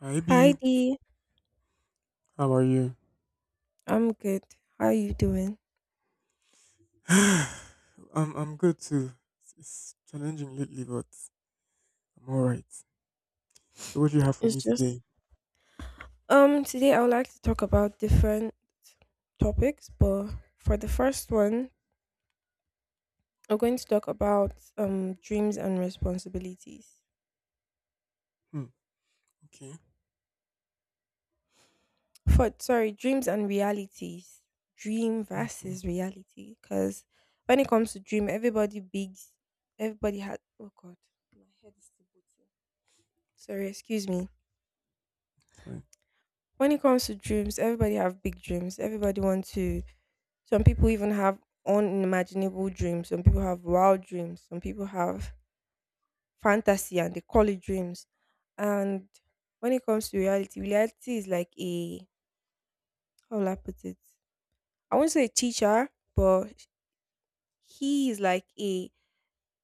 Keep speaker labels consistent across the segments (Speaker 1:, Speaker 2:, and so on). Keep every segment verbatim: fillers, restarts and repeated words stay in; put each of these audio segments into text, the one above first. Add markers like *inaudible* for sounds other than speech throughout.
Speaker 1: Hi
Speaker 2: Hi
Speaker 1: B,
Speaker 2: Dee.
Speaker 1: how are you?
Speaker 2: I'm good. How are you doing?
Speaker 1: *sighs* I'm I'm good too. It's, it's challenging lately, but I'm all right. So what do you have for
Speaker 2: It's
Speaker 1: me
Speaker 2: just
Speaker 1: today?
Speaker 2: um today I would like to talk about different topics, but for the first one, we're going to talk about um dreams and responsibilities.
Speaker 1: Hmm. Okay.
Speaker 2: For sorry, dreams and realities. Dream
Speaker 1: Okay.
Speaker 2: versus reality. Cause when it comes to dream, everybody big everybody had oh god, my head is still booting. Sorry, excuse me.
Speaker 1: It's fine.
Speaker 2: When it comes to dreams, everybody have big dreams. Everybody want to. Some people even have unimaginable dreams. Some people have wild dreams. Some people have fantasy and they call it dreams. And when it comes to reality, reality is like a, how will I put it? I won't say a teacher, but he is like a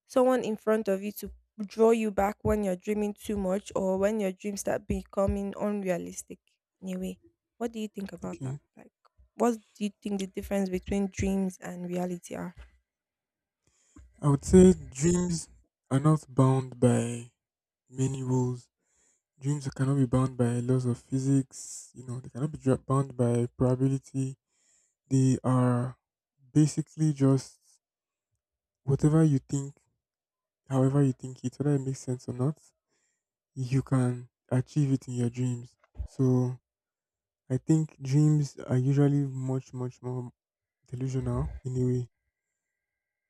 Speaker 2: someone in front of you to draw you back when you're dreaming too much or when your dreams start becoming unrealistic in a way. What do you think about that?
Speaker 1: Okay.
Speaker 2: Like, what do you think the difference between dreams and reality are?
Speaker 1: I would say dreams are not bound by many rules. Dreams cannot be bound by laws of physics. You know, they cannot be dra- bound by probability. They are basically just whatever you think, however you think it, whether it makes sense or not. You can achieve it in your dreams. So I think dreams are usually much, much more delusional in a way.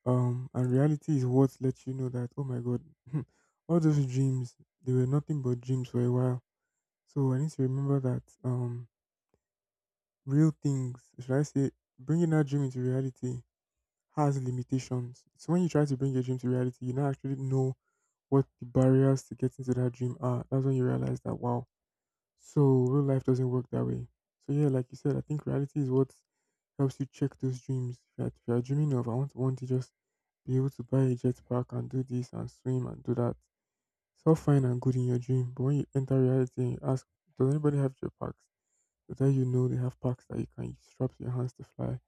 Speaker 1: Um, and reality is what lets you know that, oh my God, *laughs* all those dreams, they were nothing but dreams for a while. So I need to remember that um, real things, should I say, bringing our dream into reality has limitations. So when you try to bring your dream to reality, you now actually know what the barriers to getting to that dream are. That's when you realize that, wow, so real life doesn't work that way. So yeah, like you said, I think reality is what helps you check those dreams. If you're, if you're dreaming of, I want, want to just be able to buy a jet pack and do this and swim and do that. It's all fine and good in your dream, but when you enter reality and you ask, does anybody have jet packs? They tell you no, they have packs that you can strap to your hands to fly.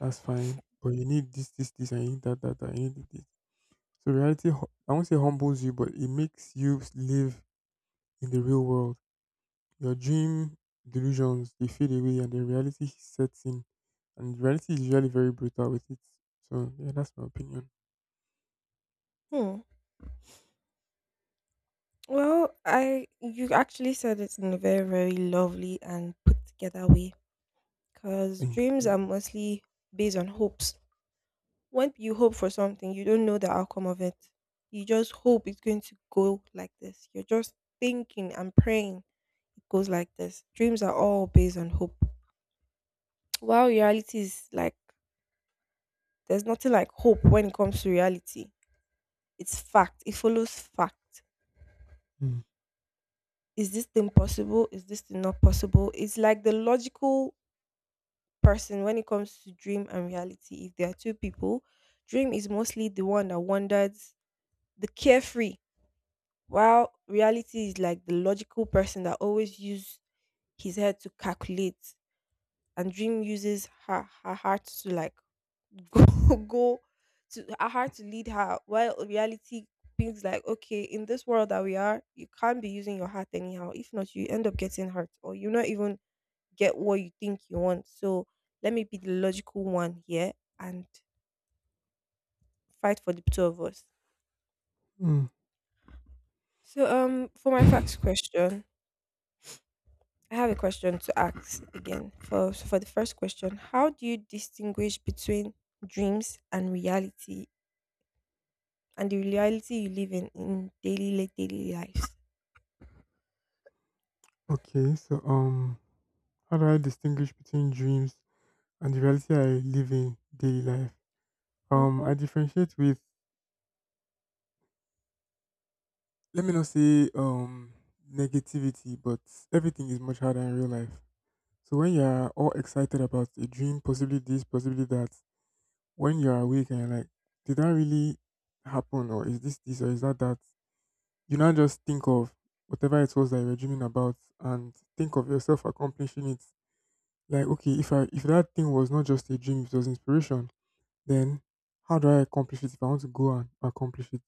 Speaker 1: That's fine, but you need this, this, this, and you need that, that, that, you need this. So reality, hu- I won't say humbles you, but it makes you live in the real world. Your dream delusions, they fade away, and then reality sets in, and reality is usually very brutal with it. So yeah, that's my opinion.
Speaker 2: Hmm. Well, I you actually said it in a very, very lovely and put together way because
Speaker 1: Thank
Speaker 2: dreams
Speaker 1: you.
Speaker 2: are mostly based on hopes. When you hope for something, you don't know the outcome of it. You just hope it's going to go like this. You're just thinking and praying it goes like this. Dreams are all based on hope. While reality is like, there's nothing like hope when it comes to reality. It's fact, it follows fact.
Speaker 1: Mm.
Speaker 2: Is this thing possible? Is this thing not possible? It's like the logical person. When it comes to dream and reality, if there are two people, dream is mostly the one that wanders, the carefree. While reality is like the logical person that always uses his head to calculate, and Dream uses her her heart to like *laughs* go go to her heart to lead her. While reality thinks like, okay, in this world that we are, you can't be using your heart anyhow. If not, you end up getting hurt, or you not even get what you think you want. So let me be the logical one here and fight for the two of us.
Speaker 1: Mm.
Speaker 2: So um, for my facts question, I have a question to ask again. For so for the first question, how do you distinguish between dreams and reality and the reality you live in in daily li- daily lives?
Speaker 1: Okay, so um how do I distinguish between dreams and the reality I live in daily life? um
Speaker 2: Mhm.
Speaker 1: I differentiate with, let me not say um negativity, but everything is much harder in real life. So when you're all excited about a dream, possibly this, possibly that, when you're awake and you're like, did that really happen, or is this this, or is that that? You now just think of whatever it was that you were dreaming about and think of yourself accomplishing it. Like, okay, if I if that thing was not just a dream, it was inspiration, then how do I accomplish it if I want to go and accomplish it?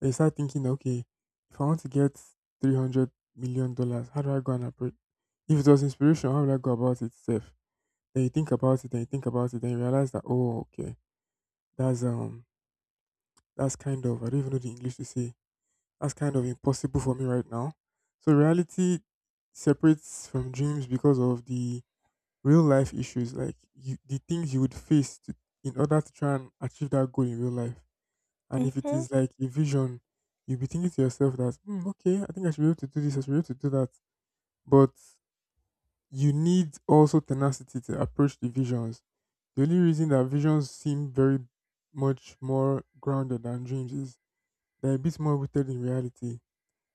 Speaker 1: And you start thinking, okay, if I want to get three hundred million dollars, how do I go and approach? If it was inspiration, how would I go about it? Safe. Then you think about it, and you think about it, and you realize that, oh, okay, that's um that's kind of, I don't even know the English to say, that's kind of impossible for me right now. So reality separates from dreams because of the real life issues, like you, the things you would face to, in order to try and achieve that goal in real life. And if it
Speaker 2: Mhm.
Speaker 1: is like a vision, you'll be thinking to yourself that, "Hmm, okay, I think I should be able to do this, I should be able to do that." But you need also tenacity to approach the visions. The only reason that visions seem very much more grounded than dreams is they're a bit more rooted in reality.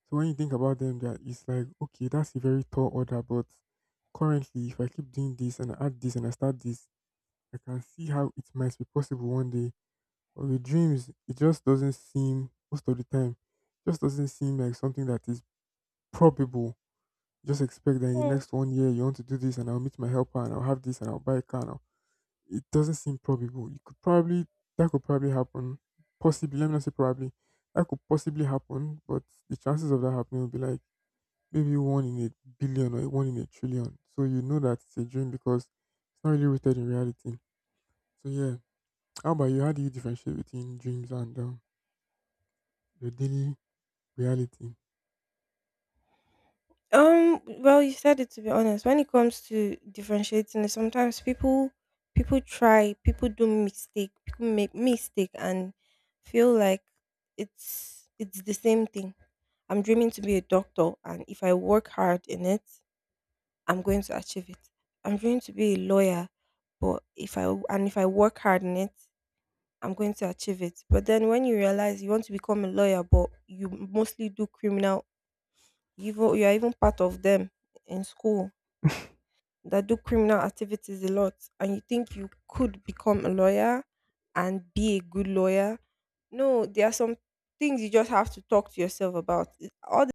Speaker 1: So when you think about them, that it's like, okay, that's a very tall order, but currently, if I keep doing this and I add this and I start this, I can see how it might be possible one day. But with dreams, it just doesn't seem most of the time, just doesn't seem like something that is probable. Just expect that in the
Speaker 2: Mm.
Speaker 1: next one year you want to do this, and I'll meet my helper, and I'll have this, and I'll buy a car, and it doesn't seem probable. You could probably That could probably happen. Possibly, let me not say probably. That could possibly happen, but the chances of that happening would be like maybe one in a billion or one in a trillion. So you know that it's a dream because it's not really rooted in reality. So yeah, how about you? How do you differentiate between dreams and um, your daily reality,
Speaker 2: Um. Well, you said it. To be honest, when it comes to differentiating, sometimes people people try, people do mistake, people make mistake and feel like it's it's the same thing. I'm dreaming to be a doctor, and if I work hard in it, I'm going to achieve it. I'm going to be a lawyer, but if I and if I work hard in it, I'm going to achieve it. But then when you realize you want to become a lawyer, but you mostly do criminal, even you are even part of them in school that do criminal activities a lot, and you think you could become a lawyer and be a good lawyer. No, there are some things you just have to talk to yourself about. It- All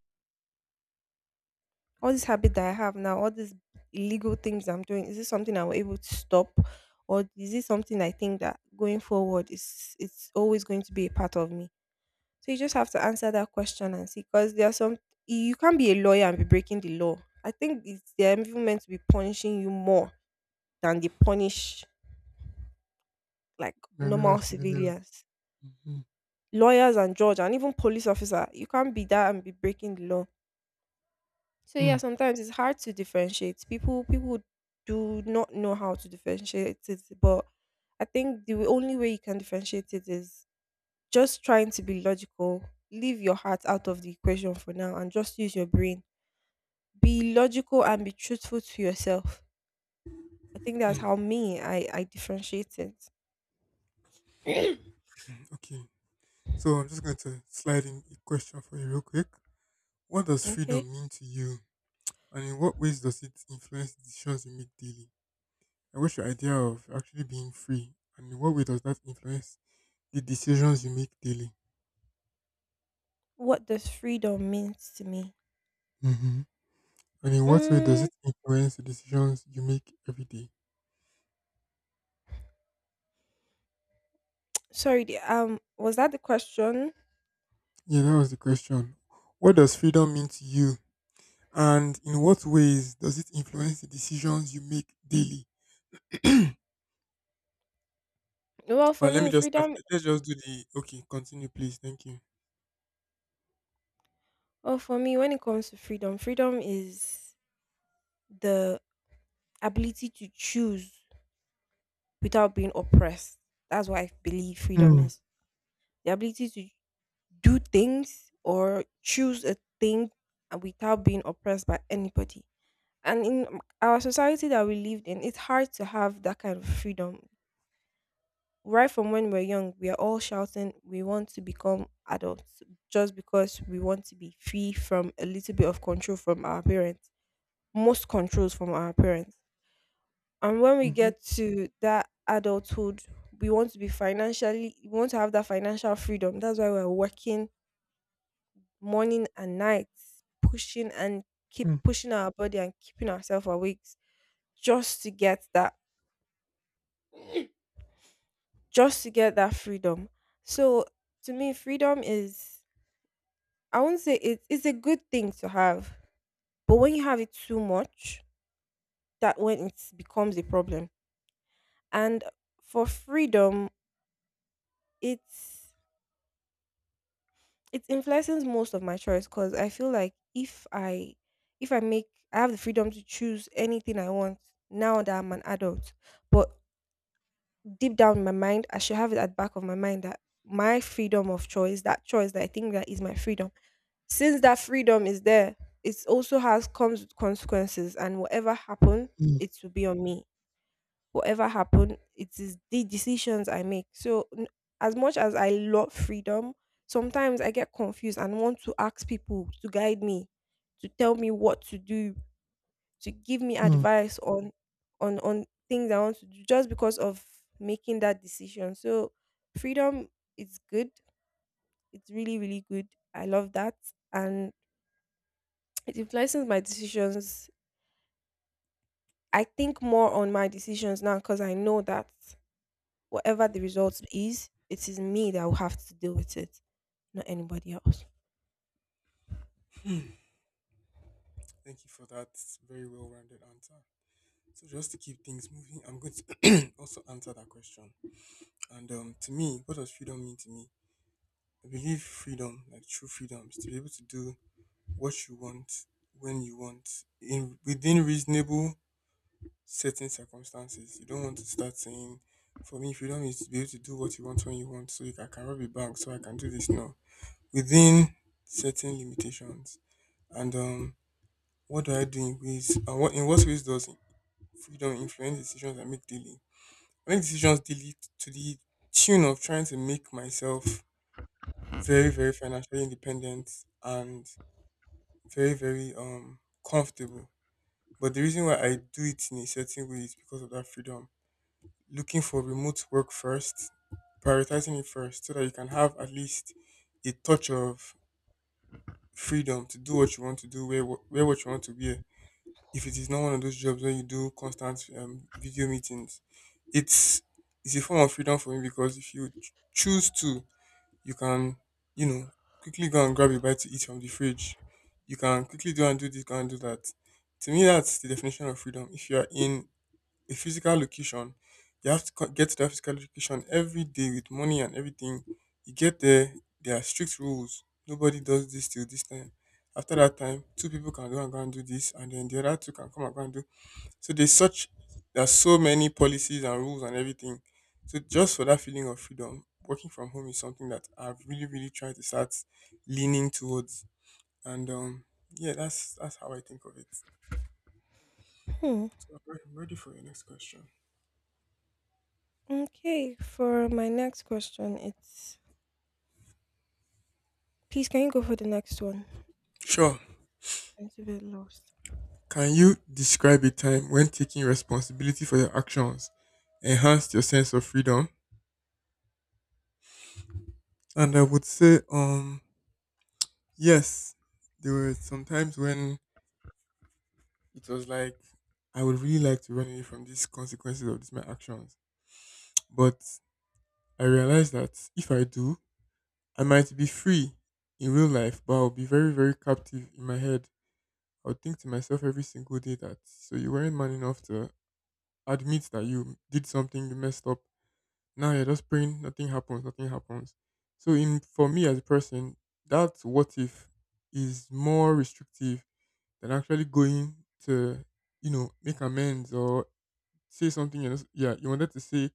Speaker 2: all this habit that I have now, all these illegal things I'm doing, is this something I am able to stop? Or is this something I think that going forward is it's always going to be a part of me? So you just have to answer that question and see because there are some you can't be a lawyer and be breaking the law. I think it's they're even meant to be punishing you more than they punish, like,
Speaker 1: regular
Speaker 2: normal
Speaker 1: civilian?
Speaker 2: civilians.
Speaker 1: Hmm.
Speaker 2: Lawyers and judge and even police officer, you can't be that and be breaking the law. So yeah,
Speaker 1: Hmm.
Speaker 2: sometimes it's hard to differentiate. People people do not know how to differentiate it, but I think the only way you can differentiate it is just trying to be logical. Leave your heart out of the equation for now and just use your brain. Be logical and be truthful to yourself. I think that's
Speaker 1: Hmm.
Speaker 2: how me I I differentiate it. *coughs*
Speaker 1: Okay, so I'm just going to slide in a question for you real quick. What does
Speaker 2: *clears throat* Okay.
Speaker 1: freedom mean to you? And in what ways does it influence the decisions you make daily? I wish, your idea of actually being free? And in what way does that influence the decisions you make daily?
Speaker 2: What does freedom means to me?
Speaker 1: Mm-hmm. And in what way does it
Speaker 2: Mm,
Speaker 1: influence the decisions you make every day?
Speaker 2: sorry, the- um was that the question?
Speaker 1: Yeah, that was the question. What does freedom mean to you? And in what ways does it influence the decisions you make daily?
Speaker 2: Well,
Speaker 1: Well,
Speaker 2: for
Speaker 1: let me
Speaker 2: me,
Speaker 1: just start.
Speaker 2: freedom
Speaker 1: Let's just do the. Okay, continue, please. Thank you.
Speaker 2: Well, for me, when it comes to freedom, freedom is the ability to choose without being oppressed. That's what I believe freedom
Speaker 1: Mm-hmm.
Speaker 2: is. The ability to do things or choose a thing and without being oppressed by anybody. And in our society that we lived in, it's hard to have that kind of freedom. Right from when we're young, we are all shouting, we want to become adults just because we want to be free from a little bit of control from our parents, most controls from our parents. And when we
Speaker 1: Mm-hmm.
Speaker 2: get to that adulthood, we want to be financially, we want to have that financial freedom. That's why we're working morning and night, pushing and keep pushing our body and keeping ourselves awake just to get that, just to get that freedom. So to me, freedom is, I won't say it, it's a good thing to have, but when you have it too much, that when it becomes a problem. And for freedom, it's it influences most of my choice because I feel like if I if I make I have the freedom to choose anything I want now that I'm an adult. But deep down in my mind, I should have it at the back of my mind that my freedom of choice, that choice that I think that is my freedom. Since that freedom is there, it also has comes with consequences and whatever happens, it will be on me. Whatever happened, it is the decisions I make. So n- as much as I love freedom, sometimes I get confused and want to ask people to guide me, to tell me what to do, to give me
Speaker 1: Mm-hmm.
Speaker 2: advice on on on things I want to do just because of making that decision. So freedom is good. It's really, really good. I love that. And it influences my decisions. I think more on my decisions now because I know that whatever the result is, it is me that will have to deal with it, not anybody else.
Speaker 1: Thank you for that very well rounded answer. So just to keep things moving, I'm going to *clears throat* also answer that question. And um, to me, what does freedom mean to me? I believe freedom, like true freedom, is to be able to do what you want when you want, in within reasonable, certain circumstances. You don't want to start saying, for me, freedom is to be able to do what you want when you want. So you can, I can rob a bank, so I can do this now within certain limitations. And um, what do I do in ways? And what in what ways does freedom influence decisions I make daily? I make decisions daily t- to the tune of trying to make myself very, very financially independent and very, very um comfortable. But the reason why I do it in a certain way is because of that freedom. Looking for remote work first, prioritizing it first, so that you can have at least a touch of freedom to do what you want to do, wear, wh- wear what you want to wear. If it is not one of those jobs where you do constant um, video meetings, it's it's a form of freedom for me because if you ch- choose to, you can, you know, quickly go and grab a bite to eat from the fridge. You can quickly go and do this, go and do that. To me, that's the definition of freedom. If you are in a physical location, you have to co- get to that physical location every day with money and everything. You get there, there are strict rules. Nobody does this till this time. After that time, two people can go and go and do this, and then the other two can come and go and do, so there's such there's so many policies and rules and everything. So just for that feeling of freedom, working from home is something that I've really, really tried to start leaning towards. And um yeah, that's that's how I think of it.
Speaker 2: Hmm.
Speaker 1: So I'm ready for your next question.
Speaker 2: Okay, for my next question, it's please can you go for the next one?
Speaker 1: Sure.
Speaker 2: I'm a bit lost.
Speaker 1: Can you describe a time when taking responsibility for your actions enhanced your sense of freedom? And I would say, um, yes, there were some times when it was like I would really like to run away from these consequences of these my actions. But I realized that if I do, I might be free in real life, but I'll be very, very captive in my head. I'll think to myself every single day that so you weren't man enough to admit that you did something, you messed up. Now you're just praying nothing happens, nothing happens. So in for me as a person, that what if is more restrictive than actually going to, you know, make amends or say something you, yeah, you wanted to say,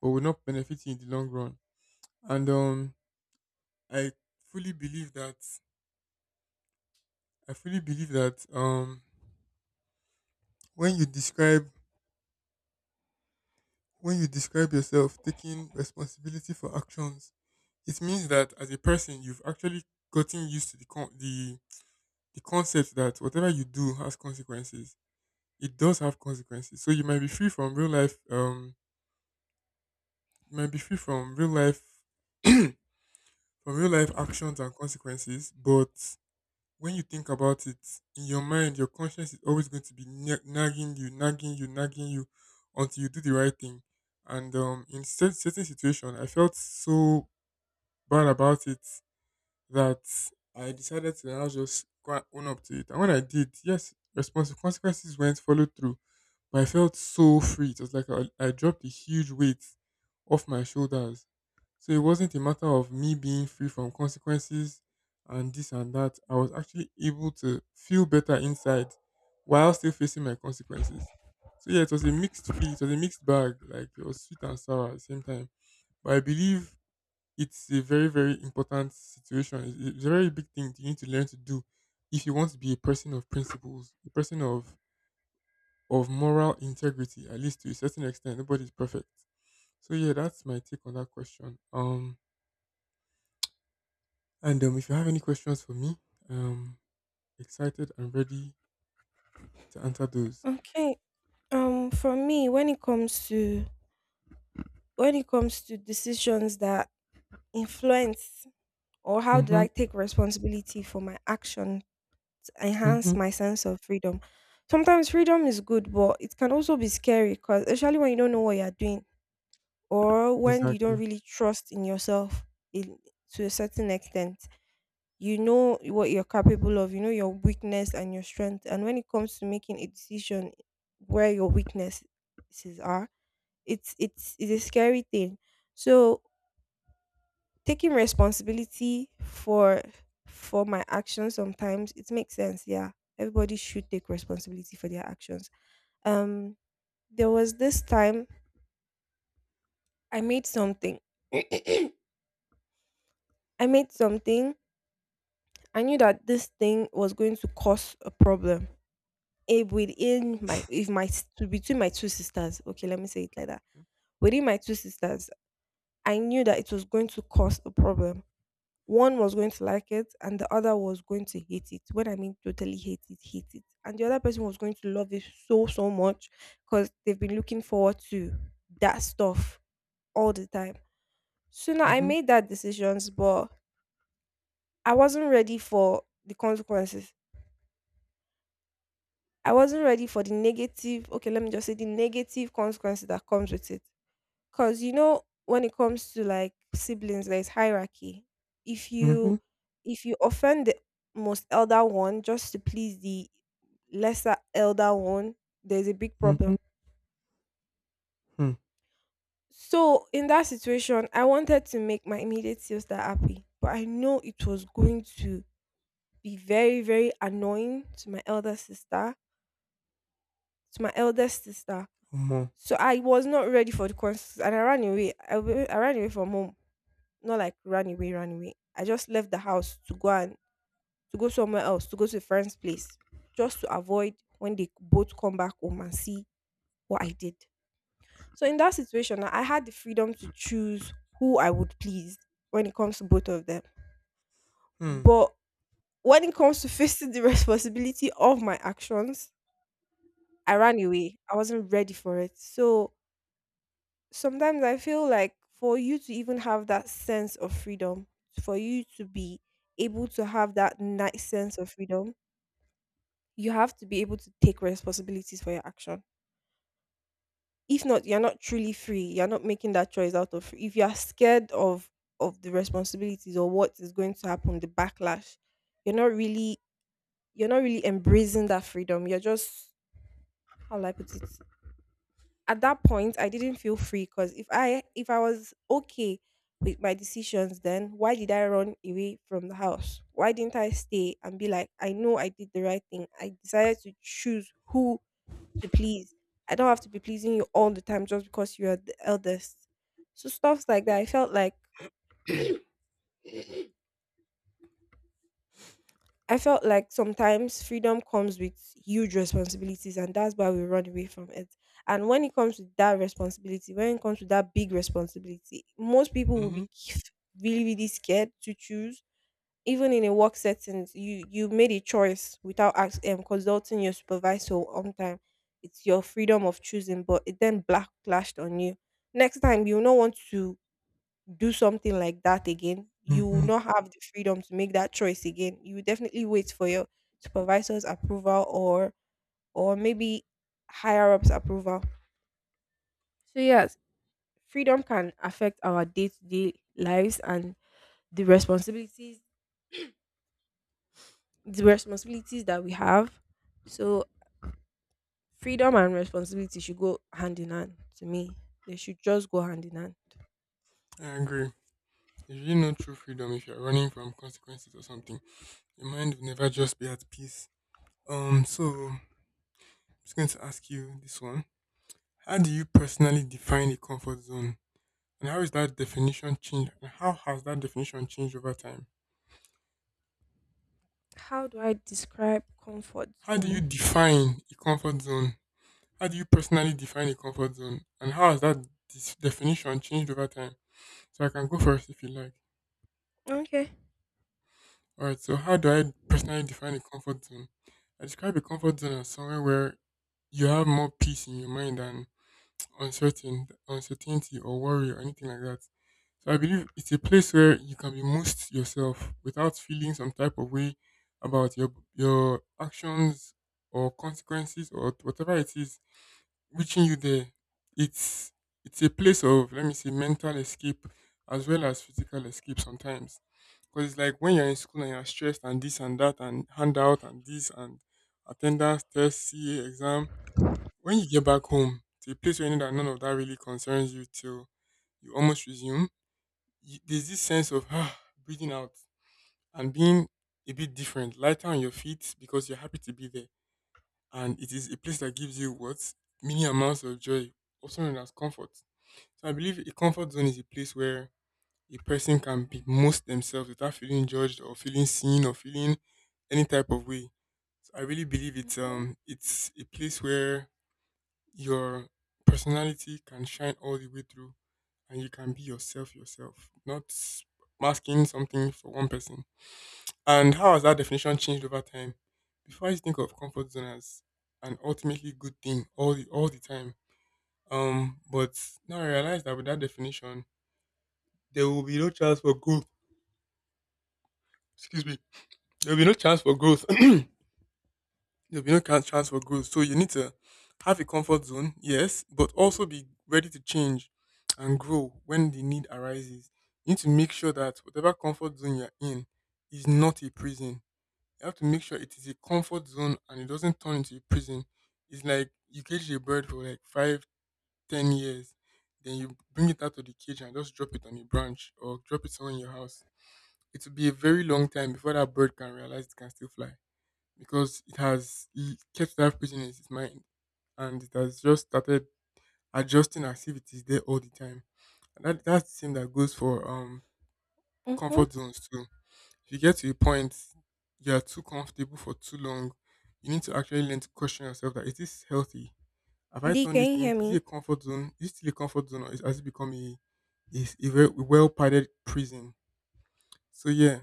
Speaker 1: but will not benefit you in the long run. And um I fully believe that, i fully believe that um when you describe, when you describe yourself taking responsibility for actions, it means that as a person you've actually gotten used to the con- the the concept that whatever you do has consequences. It does have consequences. So you might be free from real life um you might be free from real life *clears throat* from real life actions and consequences, but when you think about it, in your mind, your conscience is always going to be na- nagging you, nagging you, nagging you until you do the right thing. And um, in cer- certain situation, I felt so bad about it that I decided to now just go and own up to it. And when I did, yes, responsible consequences went followed through. But I felt so free. It was like I, I dropped a huge weight off my shoulders. So it wasn't a matter of me being free from consequences and this and that. I was actually able to feel better inside while still facing my consequences. So yeah, it was a mixed feel. It was a mixed bag. Like it was sweet and sour at the same time. But I believe it's a very, very important situation. It's it's a very big thing you need to learn to do if you want to be a person of principles, a person of of moral integrity, at least to a certain extent. Nobody's perfect. So yeah, that's my take on that question. Um, and um, If you have any questions for me, um, excited and ready to answer those.
Speaker 2: Okay. Um for me, when it comes to when it comes to decisions that influence, or how do
Speaker 1: Mm-hmm.
Speaker 2: I take responsibility for my action to
Speaker 1: Mm-hmm.
Speaker 2: enhance my sense of freedom? Sometimes freedom is good, but it can also be scary because especially when you don't know what you're doing or when you don't
Speaker 1: Exactly.
Speaker 2: really trust in yourself in, to a certain extent. You know what you're capable of, you know your weakness and your strength. And when it comes to making a decision where your weaknesses are, it's it's it's a scary thing. So taking responsibility for for my actions sometimes it makes sense, yeah. Everybody should take responsibility for their actions. Um there was this time I made something. *clears throat* I made something. I knew that this thing was going to cause a problem. If within my if my s- to between my two sisters, okay, let me say it like that. Within my two sisters, I knew that it was going to cause a problem. One was going to like it and the other was going to hate it. When I mean totally hate it, hate it. And the other person was going to love it so so much because they've been looking forward to that stuff all the time. So now I
Speaker 1: Mm-hmm.
Speaker 2: made that decisions, but I wasn't ready for the consequences. I wasn't ready for the negative, okay, let me just say the negative consequences that comes with it. Cause you know, when it comes to like siblings, there's hierarchy. If
Speaker 1: Mm-hmm.
Speaker 2: you if you offend the most elder one just to please the lesser elder one, there's a big
Speaker 1: Mm-hmm.
Speaker 2: problem.
Speaker 1: Hmm.
Speaker 2: So in that situation, I wanted to make my immediate sister happy, but I know it was going to be very, very annoying to my elder sister, to my eldest sister.
Speaker 1: Omo.
Speaker 2: So I was not ready for the consequences and I ran away. I, wa- I ran away from home. Not like ran away, ran away. I just left the house to go and to go somewhere else, to go to a friend's place, just to avoid when they both come back home and see what I did. So in that situation, I had the freedom to choose who I would please when it comes to both of them.
Speaker 1: Hmm.
Speaker 2: But when it comes to *laughs* facing the responsibility of my actions, I ran away. I wasn't ready for it. So sometimes I feel like for you to even have that sense of freedom, for you to be able to have that nice sense of freedom, you have to be able to take responsibilities for your action. If not, you're not truly free. You're not making that choice out of. If you are scared of of the responsibilities or what is going to happen, the backlash, you're not really you're not really embracing that freedom. You're just how will I put it? At that point, I didn't feel free because if i if I was okay with my decisions, then why did I run away from the house? Why didn't I stay and be like, I know I did the right thing. I decided to choose who to please. I don't have to be pleasing you all the time just because you're the eldest. So stuff like that, i felt like I felt like sometimes freedom comes with huge responsibilities, and that's why we run away from it. And when it comes to that responsibility, when it comes to that big responsibility, most people will
Speaker 1: Mm-hmm.
Speaker 2: be k- really, really scared to choose. Even in a work setting, you you made a choice without ask, um, consulting your supervisor on time. It's your freedom of choosing, but it then blacklashed on you. Next time, you will not want to do something like that again, you will
Speaker 1: Mm-hmm.
Speaker 2: not have the freedom to make that choice again. You will definitely wait for your supervisor's approval, or or maybe higher ups approval. So yes, freedom can affect our day to day lives and the responsibilities the responsibilities that we have. So freedom and responsibility should go hand in hand to me. They should just go hand in hand.
Speaker 1: I agree. There's really no true freedom if you're running from consequences or something. Your mind will never just be at peace. Um, so I'm just going to ask you this one. How do you personally define a comfort zone? And how is that definition changed? And how has that definition changed over time?
Speaker 2: How do I describe comfort
Speaker 1: How do you
Speaker 2: zone?
Speaker 1: define a comfort zone? How do you personally define a comfort zone? And how has that dis- definition changed over time? So I can go first if you like.
Speaker 2: Okay.
Speaker 1: All right. So how do I personally define a comfort zone? I describe a comfort zone as somewhere where you have more peace in your mind and uncertain, uncertainty or worry or anything like that. So I believe it's a place where you can be most yourself without feeling some type of way about your your actions or consequences or whatever it is reaching you there. It's it's a place of, let me say, mental escape as well as physical escape sometimes. Because it's like when you're in school and you're stressed and this and that and handout and this and attendance, test, C A exam, when you get back home to a place where you know that none of that really concerns you till you almost resume, you, there's this sense of ah, breathing out and being a bit different, lighter on your feet because you're happy to be there. And it is a place that gives you what? Many amounts of joy, also known as comfort. So I believe a comfort zone is a place where a person can be most themselves without feeling judged or feeling seen or feeling any type of way. So I really believe it's
Speaker 2: Mm-hmm.
Speaker 1: um it's a place where your personality can shine all the way through and you can be yourself yourself, not masking something for one person. And how has that definition changed over time? Before, I used to think of comfort zone as an ultimately good thing all the all the time. Um, but now I realize that with that definition, there will be no chance for growth. Excuse me. There will be no chance for growth. There'll be no can- chance for growth. So you need to have a comfort zone, yes, but also be ready to change and grow when the need arises. You need to make sure that whatever comfort zone you're in is not a prison. You have to make sure it is a comfort zone and it doesn't turn into a prison. It's like you cage a bird for like five to ten years, then you bring it out of the cage and just drop it on a branch or drop it somewhere in your house. It will be a very long time before that bird can realize it can still fly because it has he kept that pigeon in his mind and it has just started adjusting as if it is there all the time. And that, that's the same that goes for um
Speaker 2: Mm-hmm.
Speaker 1: comfort zones too. If you get to a point you are too comfortable for too long, you need to actually learn to question yourself, that is this healthy? Have I
Speaker 2: D,
Speaker 1: turned
Speaker 2: can
Speaker 1: this
Speaker 2: you
Speaker 1: thing?
Speaker 2: hear
Speaker 1: Is it a
Speaker 2: me?
Speaker 1: comfort zone? Is it still a comfort zone or is, has it become a is a well padded prison? So yeah,